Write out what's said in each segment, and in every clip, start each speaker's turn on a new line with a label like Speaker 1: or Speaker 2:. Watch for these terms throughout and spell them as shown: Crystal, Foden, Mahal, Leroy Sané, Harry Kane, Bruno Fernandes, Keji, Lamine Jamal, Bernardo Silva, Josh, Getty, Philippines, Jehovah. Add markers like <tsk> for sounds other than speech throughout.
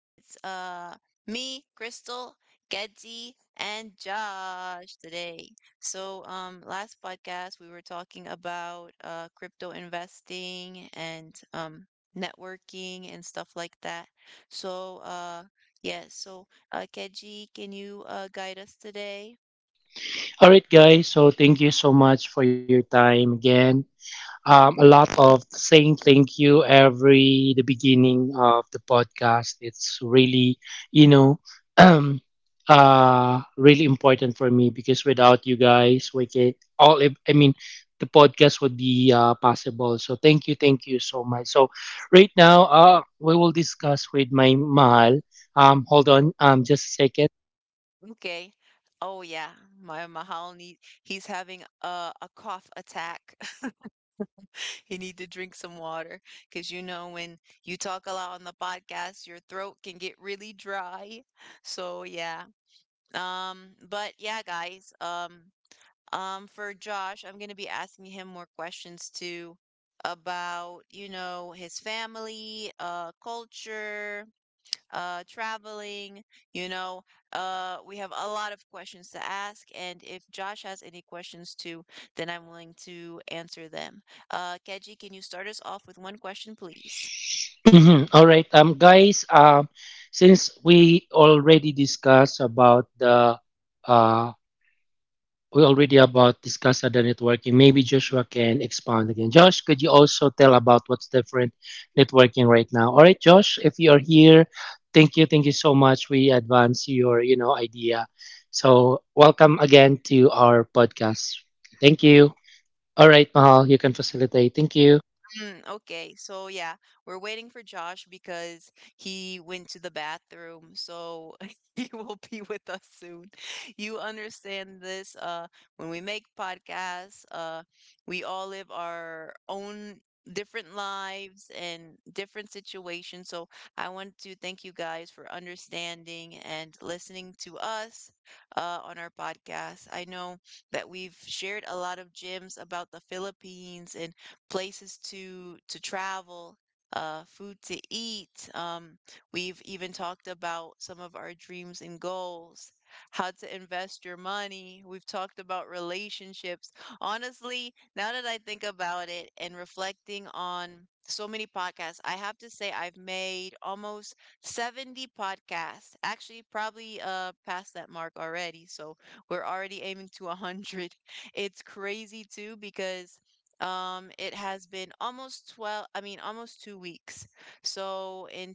Speaker 1: It's me, Crystal, Getty, and Josh today. So, last podcast we were talking about crypto investing and networking and stuff like that. So, yeah, so Keji, can you guide us today?
Speaker 2: All right, guys. So thank you so much for your time again. A lot of saying thank you every the beginning of the podcast. It's really, you know, <clears throat> um, really important for me because without you guys, we can all. I mean, the podcast would be possible. So thank you so much. So right now, we will discuss with my mahal. Hold on, just a second.
Speaker 1: Okay. Oh yeah, my Mahal need he's having a cough attack. <laughs> You need to drink some water because you know when you talk a lot on the podcast, your throat can get really dry. So yeah. But yeah, guys. For Josh, I'm gonna be asking him more questions too about, you know, his family, culture, traveling, you know, we have a lot of questions to ask. And if Josh has any questions too, then I'm willing to answer them. Keji, can you start us off with one question, please?
Speaker 2: Mhm. All right, guys. Since we already discussed about uh, we already about discussed the networking. Maybe Joshua can expound again. Josh, could you also tell about what's different networking right now? All right, Josh, if you are here, thank you so much. We advance your, you know, idea. So welcome again to our podcast. Thank you. All right, Mahal, you can facilitate. Thank you.
Speaker 1: Mm, okay. So yeah, we're waiting for Josh because he went to the bathroom. So <laughs> he will be with us soon. You understand this? When we make podcasts, we all live our own different lives and different situations. So I want to thank you guys for understanding and listening to us, on our podcast. I know that we've shared a lot of gems about the Philippines and places to travel, food to eat. We've even talked about some of our dreams and goals, how to invest your money. We've talked about relationships. Honestly, now that I think about it and reflecting on so many podcasts, I have to say I've made almost 70 podcasts. Actually, probably past that mark already. So we're already aiming to 100. It's crazy too because it has been almost 12, I mean, almost 2 weeks. So in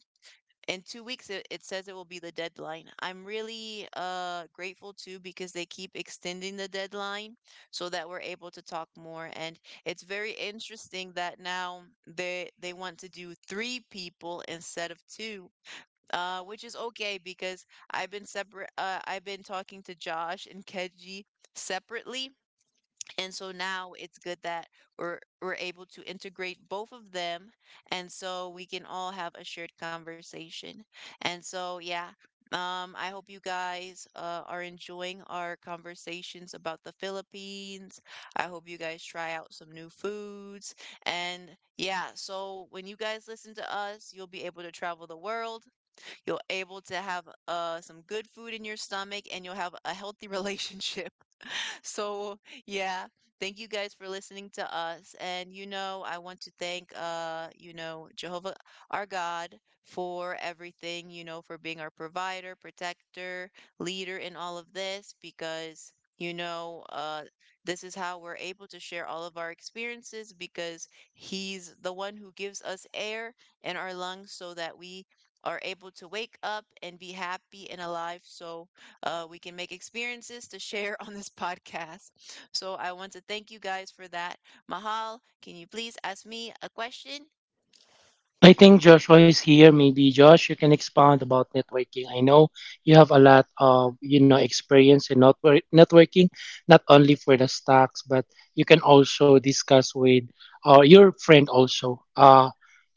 Speaker 1: in 2 weeks, it says it will be the deadline. I'm really grateful too because they keep extending the deadline so that we're able to talk more. And it's very interesting that now they want to do three people instead of two. Which is okay because I've been separate. I've been talking to Josh and Keji separately, and so now it's good that we're able to integrate both of them and so we can all have a shared conversation. And so, yeah, I hope you guys are enjoying our conversations about the Philippines. I hope you guys try out some new foods. And, yeah, so when you guys listen to us, you'll be able to travel the world. You'll able to have some good food in your stomach, and you'll have a healthy <laughs> relationship. So, yeah, thank you guys for listening to us. And, you know, I want to thank, you know, Jehovah, our God, for everything, you know, for being our provider, protector, leader in all of this, because, you know, this is how we're able to share all of our experiences because He's the one who gives us air in our lungs so that we are able to wake up and be happy and alive. So, we can make experiences to share <laughs> on this podcast. So I want to thank you guys for that. Mahal, can you please ask me a question?
Speaker 2: I think Joshua is here. Maybe Josh, you can expound about networking. I know you have a lot of you know experience in networking, not only for the stocks, but you can also discuss with your friend also.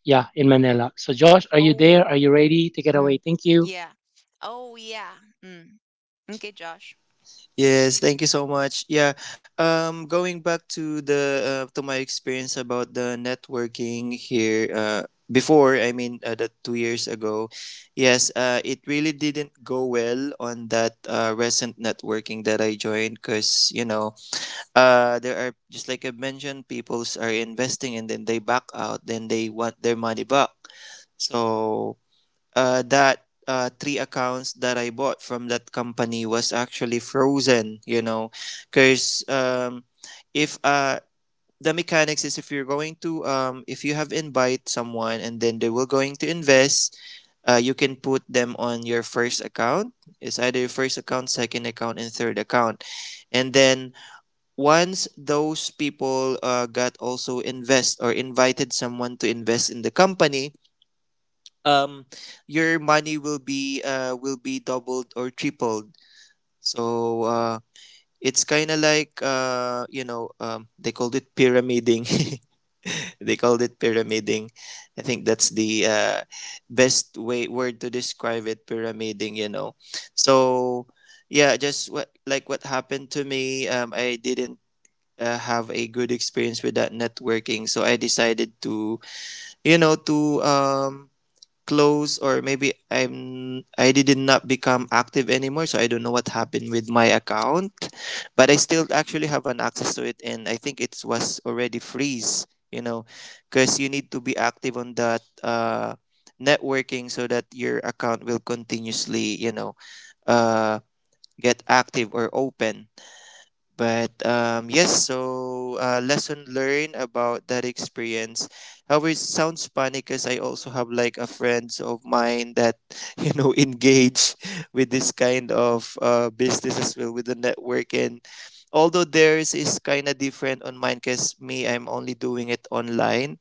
Speaker 2: Yeah, in Manila. So Josh, are you there?
Speaker 1: Oh,
Speaker 2: Are you ready? Take it away.
Speaker 1: mm,
Speaker 2: Thank you.
Speaker 1: yeah. Oh, yeah. Mm. Okay, Josh.
Speaker 3: Yes, thank you so much. Yeah, going back to the to my experience about the networking here before, I mean, that 2 years ago, yes, it really didn't go well on that recent networking that I joined because there are, just like I mentioned, peoples are investing and then they back out, then they want their money back. So that three accounts that I bought from that company was actually frozen, you know, because if the mechanics is, if you're going to if you have invite someone and then they were going to invest, you can put them on your first account. It's either your first account, second account, and third account, and then once those people got also invest or invited someone to invest in the company, um your money will be doubled or tripled. So it's kind of like they called it pyramiding. <laughs> They called it pyramiding. I think that's the best way word to describe it, pyramiding, you know. So yeah, just what like what happened to me, I didn't have a good experience with that networking, so I decided to, you know to um close, or maybe I did not become active anymore, so I don't know what happened with my account. But I still actually have an access to it, and I think it was already freeze, you know, because you need to be active on that networking so that your account will continuously, you know, uh, get active or open. But yes, so lesson learned about that experience. However, it sounds funny because I also have like a friends of mine that <laughs> you know engage <laughs> with this kind of business as well with the network. And although theirs is kind of different on mine, because me, I'm only doing it online,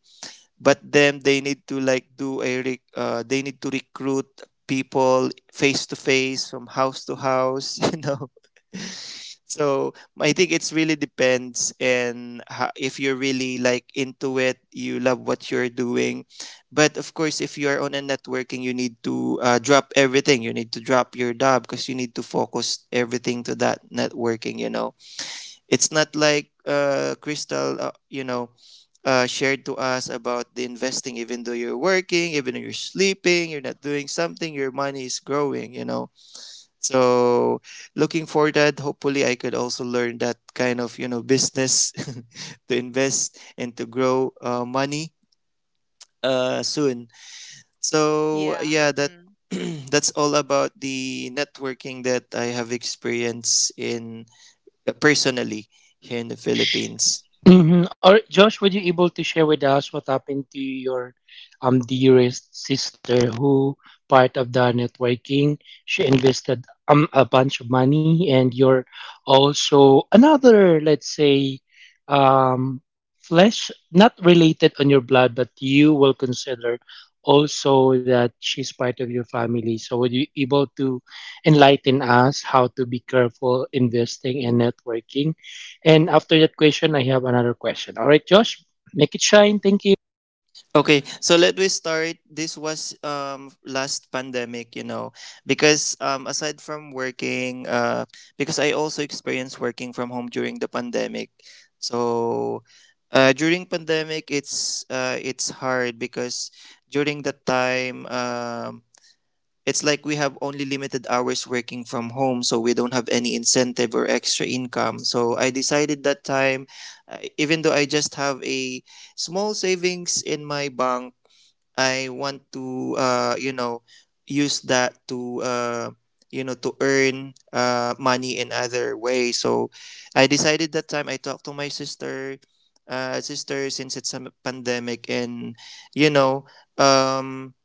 Speaker 3: but then they need to like do a they need to recruit people face to face, from house to house. <laughs> You know, so I think it's really depends, and if you're really like into it, you love what you're doing. But of course, if you're on a networking, you need to drop everything, you need to drop your job, because you need to focus everything to that networking, you know. It's not like Crystal, shared to us about the investing, even though you're working, even though you're sleeping, you're not doing something, your money is growing, you know. So looking for that. Hopefully, I could also learn that kind of you know business <laughs> to invest and to grow money soon. So
Speaker 1: Yeah.
Speaker 3: yeah, that
Speaker 1: Mm.
Speaker 3: <clears throat> that's all about the networking that I have experienced in, personally, here in the Philippines.
Speaker 2: Mhm. Or Josh, were you able to share with us what happened to your dearest sister who part of the networking? She invested a bunch of money, and you're also another, let's say, um flesh not related on your blood, but you will consider also that she's part of your family. So were you able to enlighten us how to be careful investing and networking? And after that question, I have another question. All right, Josh, make it shine. Thank you.
Speaker 3: Okay, so let me start. This was last pandemic, you know, because aside from working, because I also experienced working from home during the pandemic. So, during pandemic, it's hard because during that time, it's like we have only limited hours working from home, so we don't have any incentive or extra income. So I decided that time, even though I just have a small savings in my bank, I want to, use that to, to earn money in other ways. So I decided that time I talked to my sister, since it's a pandemic, and, you know, um,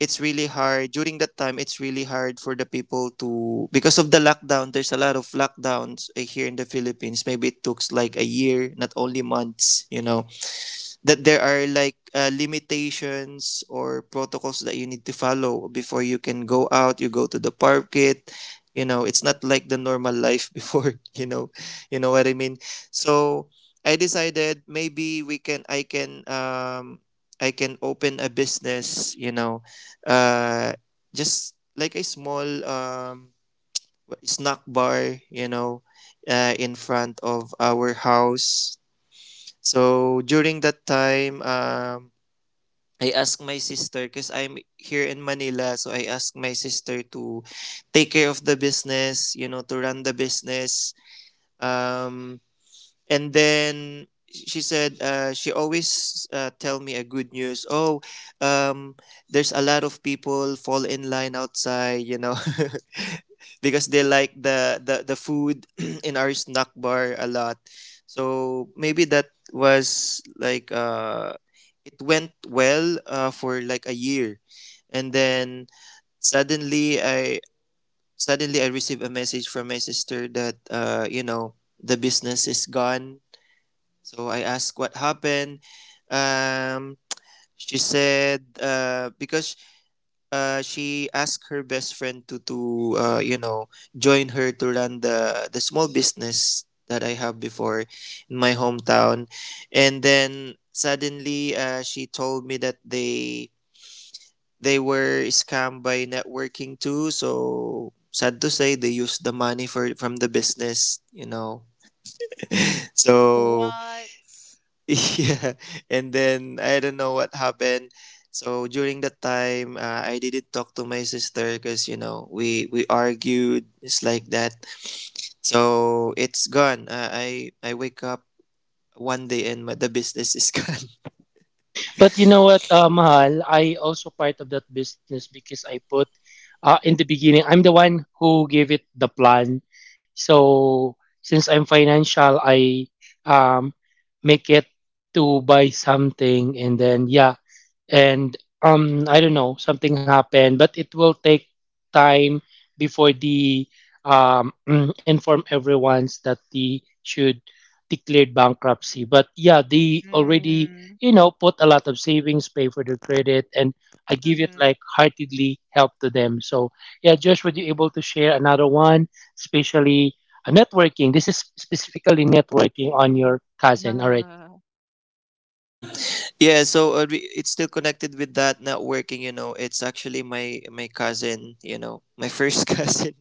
Speaker 3: it's really hard during that time. It's really hard for the people to, because of the lockdown, there's a lot of lockdowns, eh, here in the Philippines. Maybe it took like a year, not only months, you know, that there are like limitations or protocols that you need to follow before you can go out, you go to the market. You know, it's not like the normal life before. <laughs> You know, you know what I mean. So I decided, maybe we can I can I can open a business, you know, uh just like a small snack bar, you know, in front of our house. So during that time, I asked my sister, because I'm here in Manila. So I asked my sister to take care of the business, you know, to run the business. Um, and then she said, she always tell me a good news. Oh, um, there's a lot of people fall in line outside, you know, <laughs> because they like the food <clears throat> in our snack bar a lot. So maybe that was like, it went well for like a year. And then suddenly i suddenly I received a message from my sister that, you know, the business is gone. So I asked what happened. Um, she said, because she asked her best friend to you know, join her to run the small business that I have before in my hometown. And then suddenly, she told me that they were scammed by networking too. So sad to say, they used the money for from the business, you know. <laughs> So
Speaker 1: What?
Speaker 3: <laughs> yeah, and then I don't know what happened. So during that time, I didn't talk to my sister because, you know, we argued. It's like that. So it's gone. I wake up one day and the business is <laughs> gone.
Speaker 2: But you know what, Mahal, I also part of that business because I put in the beginning, I'm the one who gave it the plan. So since I'm financial, I um, make it to buy something, and then yeah, and um, I don't know, something happened, but it will take time before the um <clears throat> inform everyone's that they should declared bankruptcy. But yeah, they already,
Speaker 1: Mm.
Speaker 2: you know, put a lot of savings, pay for their credit, and I give it
Speaker 1: Mm-hmm.
Speaker 2: like heartedly help to them. So yeah, Josh, would you able to share another one, especially a networking? This is specifically networking on your cousin. Alright.
Speaker 1: <laughs>
Speaker 3: Mm, yeah. So it's still connected with that not working, you know. It's actually my cousin, you know, my first <laughs> cousin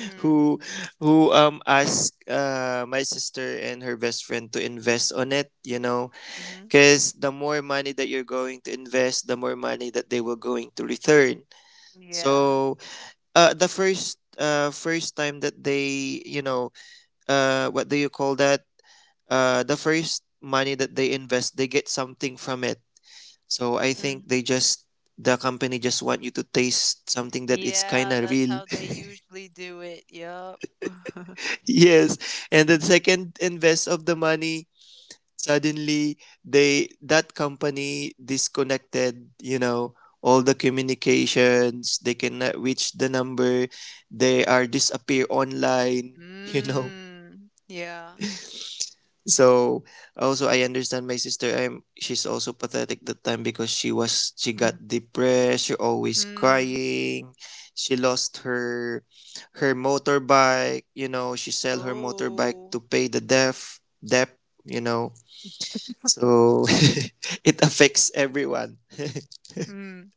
Speaker 1: Mm.
Speaker 3: who asked my sister and her best friend to invest on it, you know,
Speaker 1: Mm-hmm.
Speaker 3: because the more money that you're going to invest, the more money that they were going to return.
Speaker 1: Yeah.
Speaker 3: So the first time that they, you know, what do you call that? The first money that they invest, they get something from it. So I think
Speaker 1: Mm.
Speaker 3: they just, the company just want you to taste something that it's kind
Speaker 1: Yeah,
Speaker 3: of
Speaker 1: that's
Speaker 3: real.
Speaker 1: how they usually do it. Yep. <laughs>
Speaker 3: <laughs> Yes, and the second invest of the money, suddenly they that company disconnected, you know. All the communications, they cannot reach the number, they are disappear online. <laughs> You know,
Speaker 1: Mm. Yeah.
Speaker 3: so also I understand my sister. I'm she's also pathetic that time because she got depressed, she always
Speaker 1: Mm.
Speaker 3: crying. She lost her motorbike, you know. She sell her motorbike
Speaker 1: Oh.
Speaker 3: to pay the debt, you know. So <laughs> it affects everyone.
Speaker 1: Mm.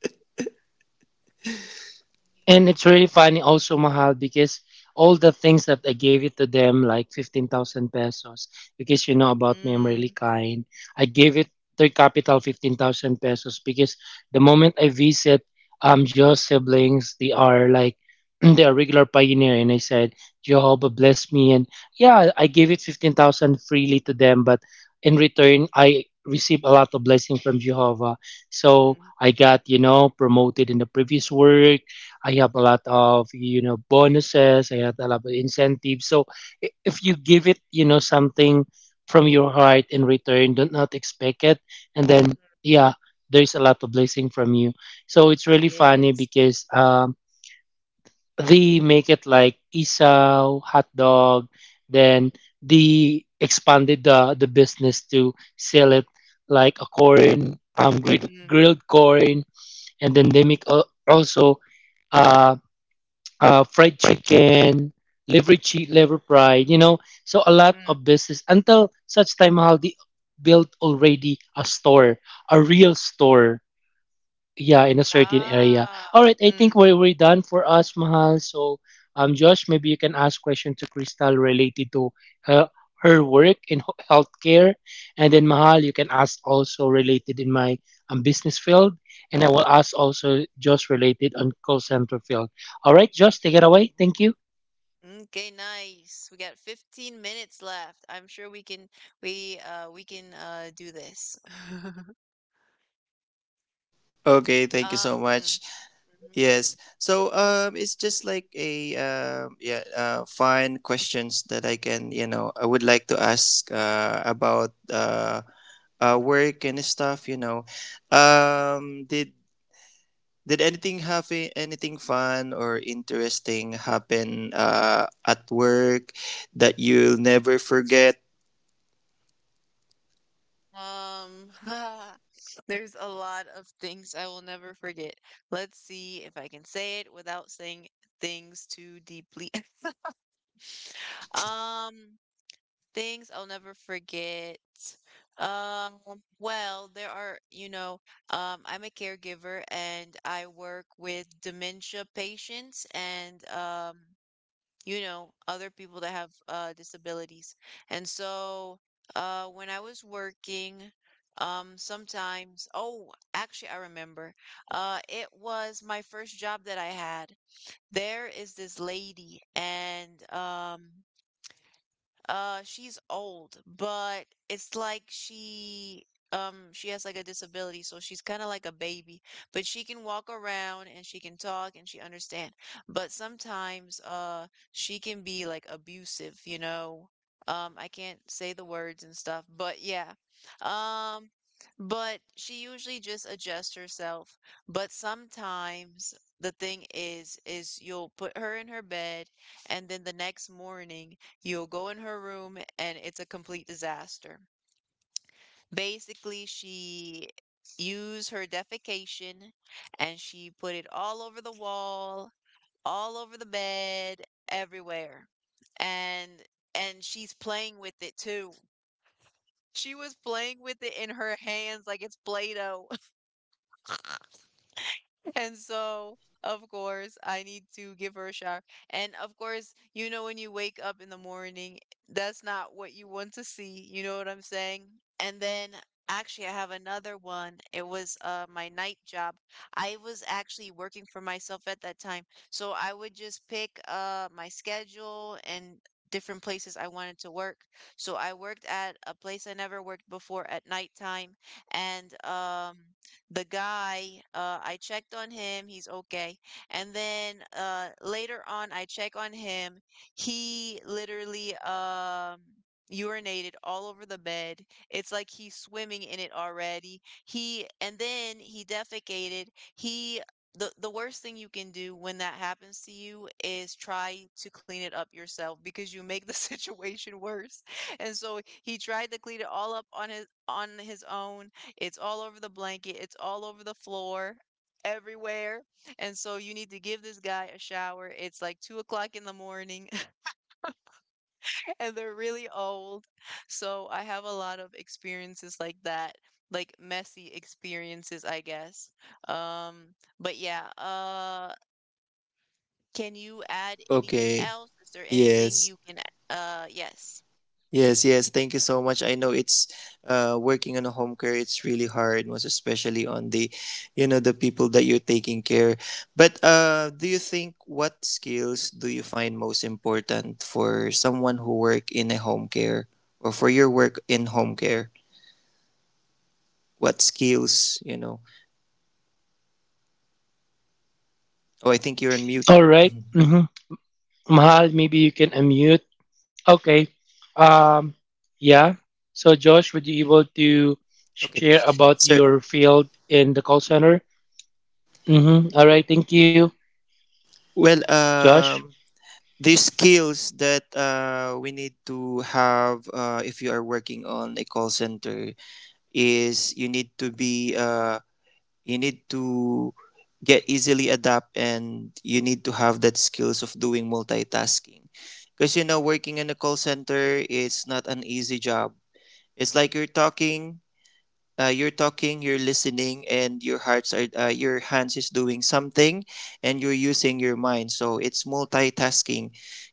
Speaker 2: And it's really funny also, Mahal, because all the things that I gave it to them, like 15,000 pesos, because you know about me, I'm really
Speaker 1: Mm.
Speaker 2: kind. I gave it their capital 15,000 pesos because the moment I visit Joe's siblings, they are like, <clears throat> they are regular pioneer. And I said, Jehovah bless me. And yeah, I gave it 15,000 freely to them, but in return, I received a lot of blessing from Jehovah. So
Speaker 1: Mm.
Speaker 2: I got, you know, promoted in the previous work. I have a lot of you know bonuses. I have a lot of incentives. So if you give it, you know, something from your heart in return, do not expect it, and then yeah, there's a lot of blessing from you. So it's really funny
Speaker 1: Yes.
Speaker 2: because they make it like isaw hot dog, then they expanded the business to sell it like a corn,
Speaker 1: Mm.
Speaker 2: grilled corn, and then they make also. uh, Fried chicken, liver cheat, liver pride, you know. So a lot
Speaker 1: Mm.
Speaker 2: of business until such time Mahal they built already a store, a real store. Yeah, in a certain area.
Speaker 1: Ah.
Speaker 2: All right, I think
Speaker 1: Mm.
Speaker 2: we're done for us Mahal. So um, Josh, maybe you can ask question to Crystal related to her, her work in healthcare, and then Mahal you can ask also related in my business field, and I will ask also Josh related on call center field. All right, Josh, take it away. Thank you.
Speaker 1: Okay, nice. We got 15 minutes left. I'm sure we can do this. <laughs>
Speaker 3: <laughs> Okay, thank you so
Speaker 1: Mm.
Speaker 3: much.
Speaker 1: Mhm,
Speaker 3: Yes. So it's just like a yeah, fine questions that I can, you know, I would like to ask about work and stuff, you know.
Speaker 1: mhm.
Speaker 3: Um did did anything happen, anything fun or interesting happen at work that you'll never forget?
Speaker 1: Um, <laughs> there's a lot of things I will never forget. Let's see if I can say it without saying things too deeply. <laughs> Um, Things I'll never forget. Um, well, there are, you know, I'm a caregiver and I work with dementia patients and, you know, other people that have disabilities. And so, when I was working, sometimes, oh, actually, I remember, it was my first job that I had. There is this lady, and she's old, but it's like she has like a disability, so she's kind of like a baby, but she can walk around and she can talk and she understand. But sometimes she can be like abusive, you know. I can't say the words and stuff, but yeah. Um, but she usually just adjusts herself. But sometimes the thing is you'll put her in her bed, and then the next morning, you'll go in her room and it's a complete disaster. Basically, she used her defecation and she put it all over the wall, all over the bed, everywhere. And and she's playing with it too. She was playing with it in her hands like it's Play-Doh. <laughs> And so, of course, I need to give her a shower. And of course, you know, when you wake up in the morning, that's not what you want to see. You know what I'm saying? And then actually, I have another one. It was my night job. I was actually working for myself at that time. So I would just pick my schedule and different places I wanted to work. So I worked at a place I never worked before at nighttime, and the guy, I checked on him, he's okay. And then later on, I check on him. He literally urinated all over the bed. It's like he's swimming in it already. He and then he defecated. He the worst thing you can do when that happens to you is try to clean it up yourself because you make the <laughs> situation worse. And so he tried to clean it all up on his own. It's all over the blanket, it's all over the floor, everywhere. And so you need to give this guy a shower. It's like 2 o'clock in the morning <laughs> and they're really old. So I have a lot of experiences like that, like messy experiences, I guess. Um, but yeah, can you add anything
Speaker 3: Okay.
Speaker 1: else? Is there anything
Speaker 3: Yes.
Speaker 1: you can, yes.
Speaker 3: Yes, yes. Thank you so much. I know it's working on a home care. It's really hard, most especially on the, you know, the people that you're taking care. But do you think, what skills do you find most important for someone who work in a home care, or for your work in home care? What skills, you know? Oh, I think you're on mute.
Speaker 2: All right.
Speaker 3: <clears throat>
Speaker 2: Mhm. Mahal, maybe you can unmute. Okay. Um, yeah. So, Josh, would you able to share
Speaker 3: Okay.
Speaker 2: about your
Speaker 3: Sir,
Speaker 2: field in the call center? Mm-hmm. All right. Thank you,
Speaker 3: well,
Speaker 2: Josh.
Speaker 3: the skills that we need to have, if you are working on a call center, is you need to be you need to get easily adapt, and you need to have that skills of doing multitasking. Because, you know, working in a call center is not an easy job. It's like you're talking, you're listening, and your hearts are your hands is doing something, and you're using your mind. So it's multitasking,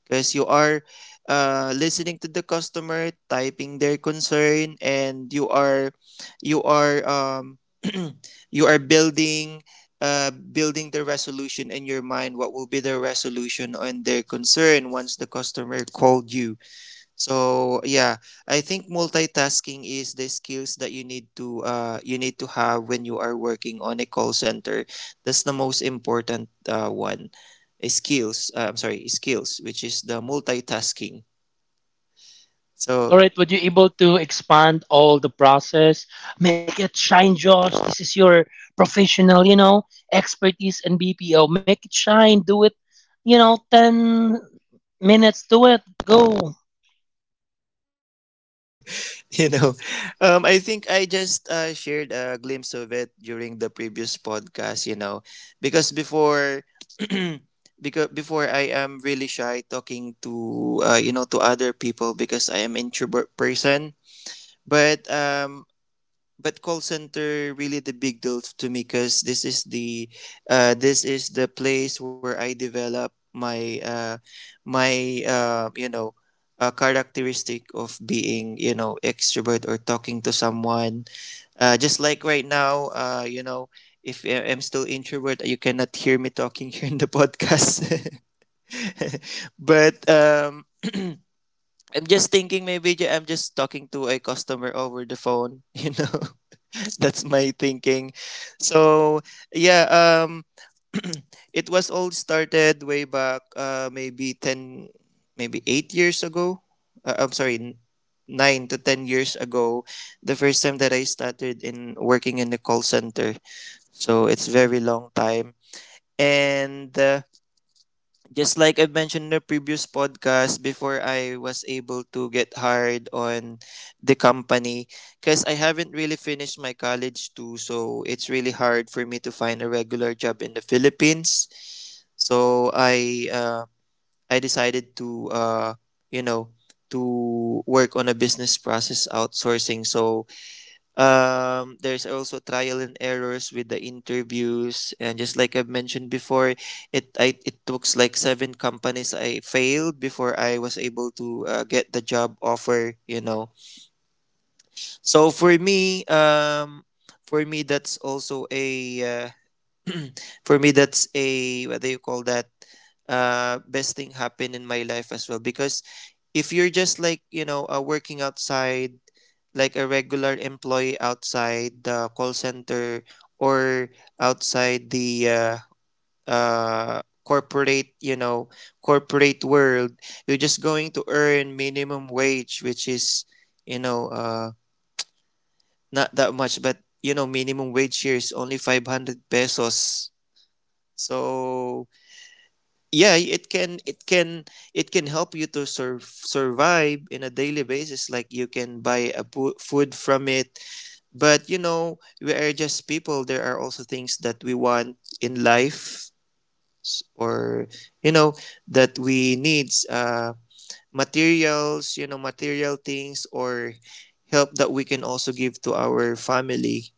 Speaker 3: because you are listening to the customer, typing their concern, and you are, you are um, <clears throat> you are building, building the resolution in your mind, what will be the resolution on their concern, once the customer called you. So yeah, I think multitasking is the skills that you need to have when you are working on a call center. That's the most important one. Skills, I'm sorry, skills, which is the multitasking.
Speaker 2: All
Speaker 3: So
Speaker 2: right. Would you able to expand all the process? Make it shine, Josh. This is your professional, you know, expertise in BPO. Make it shine. Do it, you know, 10 minutes. Do it. Go.
Speaker 3: <laughs> you know, I think I just shared a glimpse of it during the previous podcast. You know, because before. <clears throat> Because before, I am really shy talking to, to other people, because I am introvert person. But um, but call center really the big deal to me, because this is the place where I develop my you know, characteristic of being, you know, extrovert, or talking to someone. Just like right now, if I- I'm still introvert, you cannot hear me talking <laughs> here in the podcast. <laughs> but <clears throat> I'm just thinking I'm just talking to a customer over the phone, <laughs> <laughs> That's my thinking. So, yeah, um <clears throat> it was all started way back maybe 10, maybe 8 years ago. I'm sorry, 9 to 10 years ago, the first time that I started in working in the call center. So, it's very long time. And just like I mentioned in the previous podcast, before I was able to get hired on the company, because I haven't really finished my college too, so it's really hard for me to find a regular job in the Philippines. So I uh, I decided to, you know to work on a business process outsourcing. There's also trial and errors with the interviews, and just like I've mentioned before, it took like seven companies I failed before I was able to, get the job offer, so for me um for me that's also a uh, for me that's a, whether you call that, best thing happened in my life as well. Because if you're just like, working outside like a regular employee outside the call center, or outside the uh corporate, corporate world, you're just going to earn minimum wage, which is, you know uh not that much. But you know, minimum wage here is only 500 pesos. So yeah, it can it can help you to survive in a daily basis, like you can buy a food from it. But you know, we are just people, there are also things that we want in life, s- or you know that we needs, materials, you know, material things, or help that we can also give to our family.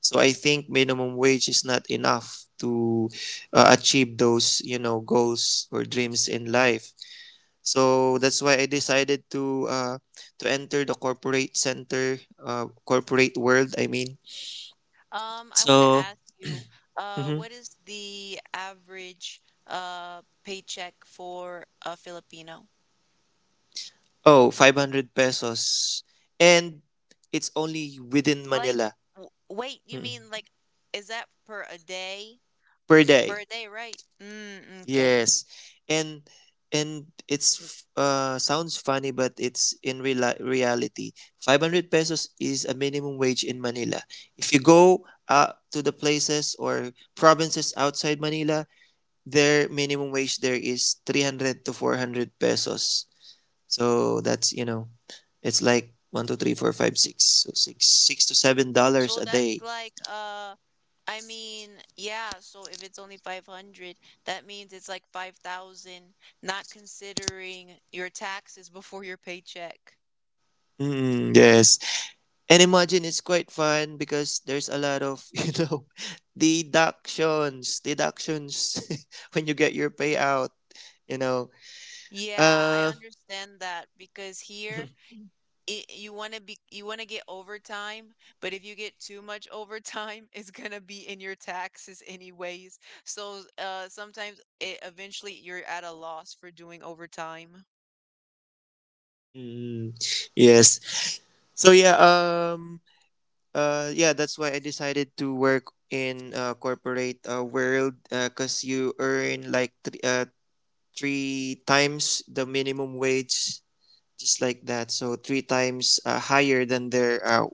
Speaker 3: So I think minimum wage is not enough to, achieve those, you know, goals or dreams in life. So that's why I decided to, to enter the corporate center, corporate world. I mean,
Speaker 1: I want to
Speaker 3: so
Speaker 1: ask you,
Speaker 3: mhm.
Speaker 1: what is the average paycheck for a Filipino?
Speaker 3: Oh, 500 pesos, and it's only within
Speaker 1: Like,
Speaker 3: Manila.
Speaker 1: w wait, you
Speaker 3: Mm-mm.
Speaker 1: mean like, is that per a day?
Speaker 3: Per day.
Speaker 1: Per day, right? Mm, okay.
Speaker 3: Yes, and, and it's sounds funny, but it's in real reality. 500 pesos is a minimum wage in Manila. If you go to the places or provinces outside Manila, their minimum wage there is 300 to 400 pesos. So that's, you know, it's like one, two, three, four, five, six, so six, $6 to $7
Speaker 1: So
Speaker 3: a
Speaker 1: that's
Speaker 3: day.
Speaker 1: like, I mean, yeah. So if it's only 500, that means it's like 5,000, not considering your taxes <laughs> before your paycheck.
Speaker 3: Mm, yes. And imagine, it's quite fun because there's a lot of, <laughs> you know, deductions <laughs> when you get your payout, you know.
Speaker 1: Yeah, I
Speaker 3: Uh,
Speaker 1: understand that because here
Speaker 3: <laughs>
Speaker 1: you want to get overtime, but if you get too much overtime <laughs> it's going to be in your taxes anyways. So sometimes it eventually you're at a loss for doing overtime.
Speaker 3: mm, yes. So yeah, um yeah, that's why I decided to work in corporate, world, cuz you earn like 3 times the minimum wage, just like that. So 3 times, higher than their,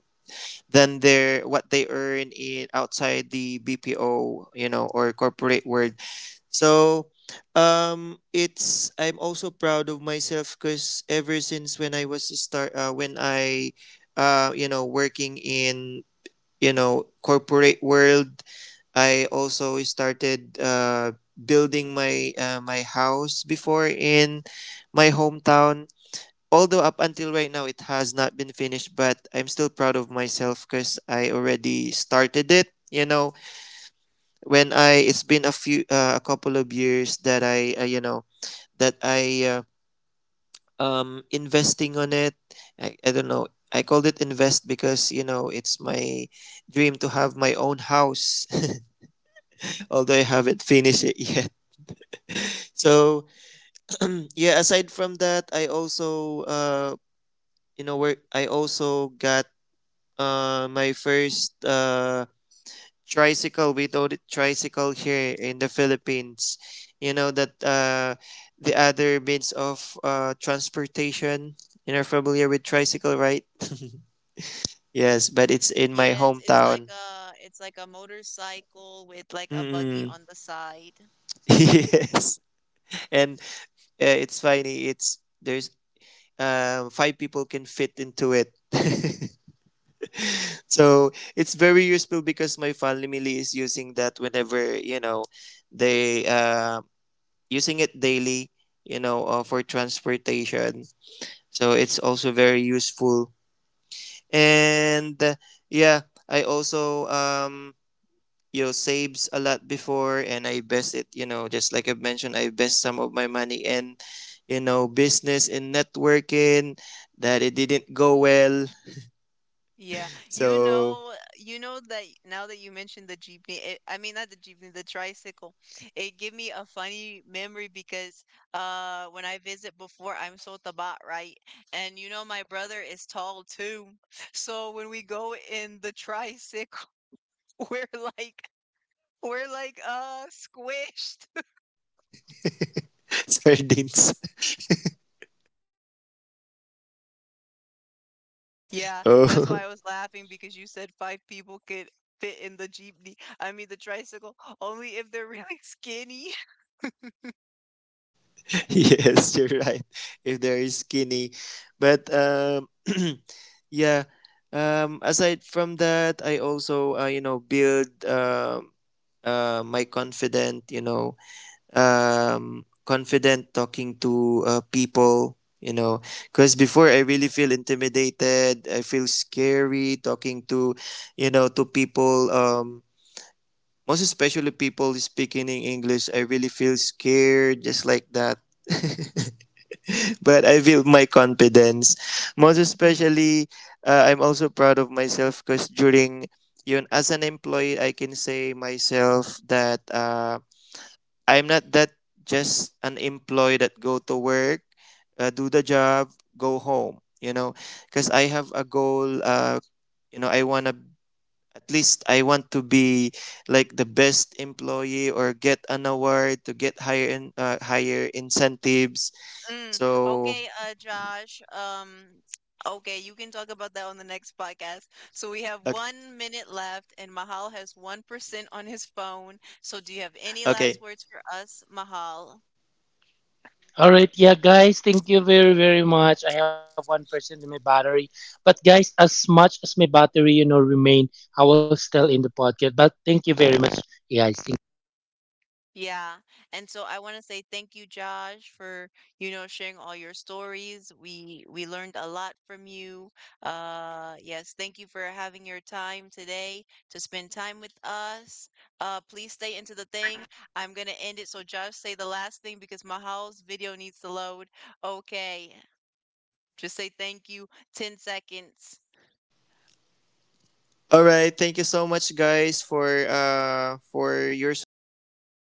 Speaker 3: than their, what they earn in outside the BPO, you know, or corporate world. So, it's I'm also proud of myself because ever since when I was start you know, working in, corporate world, I also started building my, my house before in my hometown. Although up until right now it has not been finished, but I'm still proud of myself because I already started it, you know. When I It's been a few, a couple of years that I, that I investing on it. I don't know, I called it invest because you know it's my dream to have my own house. <laughs> Although I haven't finished it <laughs> yet. So <clears throat> yeah, aside from that, I also, where I also got, my first, tricycle. We told it tricycle here in the Philippines. You know that, the other means of, transportation. You're familiar with tricycle, right? <laughs> Yes, but it's in my
Speaker 1: Yes, it's like
Speaker 3: hometown.
Speaker 1: a motorcycle with like a buggy
Speaker 3: Mm-mm.
Speaker 1: on the side.
Speaker 3: <laughs> Yes, and, it's funny. It's there's five people can fit into it. <laughs> So it's very useful because my family is using that whenever, you know, they using it daily, you know, for transportation. So it's also very useful. And yeah, I also, you know, saves a lot before, and I invest it, you know, just like I've mentioned, I invest some of my money in, you know, business and networking that it didn't go well.
Speaker 1: Yeah,
Speaker 3: So
Speaker 1: you know that now that you mentioned the jeepney, I mean not the jeepney, the tricycle, it gave me a funny memory because when I visit before, I'm so tabat, right? And you know my brother is tall too, so when we go in the tricycle, <laughs> we're like we're like squished. <laughs>
Speaker 3: <laughs> sardines. <laughs>
Speaker 1: Yeah, that's why
Speaker 3: Oh,
Speaker 1: I was laughing because you said five people could fit in the jeepney. I mean the tricycle, only if they're really <laughs> skinny.
Speaker 3: <laughs> yes, you're right. If they're skinny, but <clears throat> yeah. Aside from that, I also, build, my confident, confident talking to, people, you know. Because before I really feel intimidated. I feel scary talking to, to people, Most especially people speaking in English, I really feel scared, just like that. <laughs> <laughs> But I built my confidence. Most
Speaker 1: <laughs>
Speaker 3: especially, I'm also proud of myself because during yun, as an employee, I can say myself that, I'm not that just an employee that go to work, do the job, go home. You know, because I have a goal. I wanna, at least I want to be like the best employee or get an award to get higher in, higher incentives.
Speaker 1: Mm,
Speaker 3: So.
Speaker 1: okay, Josh. <tsk> Okay, you can talk about that on the next podcast. So we have 1 minute left, and Mahal has 1% on his phone. So do you have any last
Speaker 3: Okay.
Speaker 1: words for us, Mahal?
Speaker 2: All right, yeah, guys, thank you very, very much. I have 1% in my battery, but guys, as much as my battery, you know, remain, I will still in the podcast. But thank you very much, guys. Thank
Speaker 1: Yeah. And so I want to say thank you, Josh, for, you know, sharing all your stories. We learned a lot from you. Yes, thank you for having your time today to spend time with us. Please stay into the thing. I'm gonna end it. So Josh, say the last thing because my house video needs to load. Okay. Just say thank you. 10 seconds.
Speaker 3: All right. Thank you so much, guys, for your support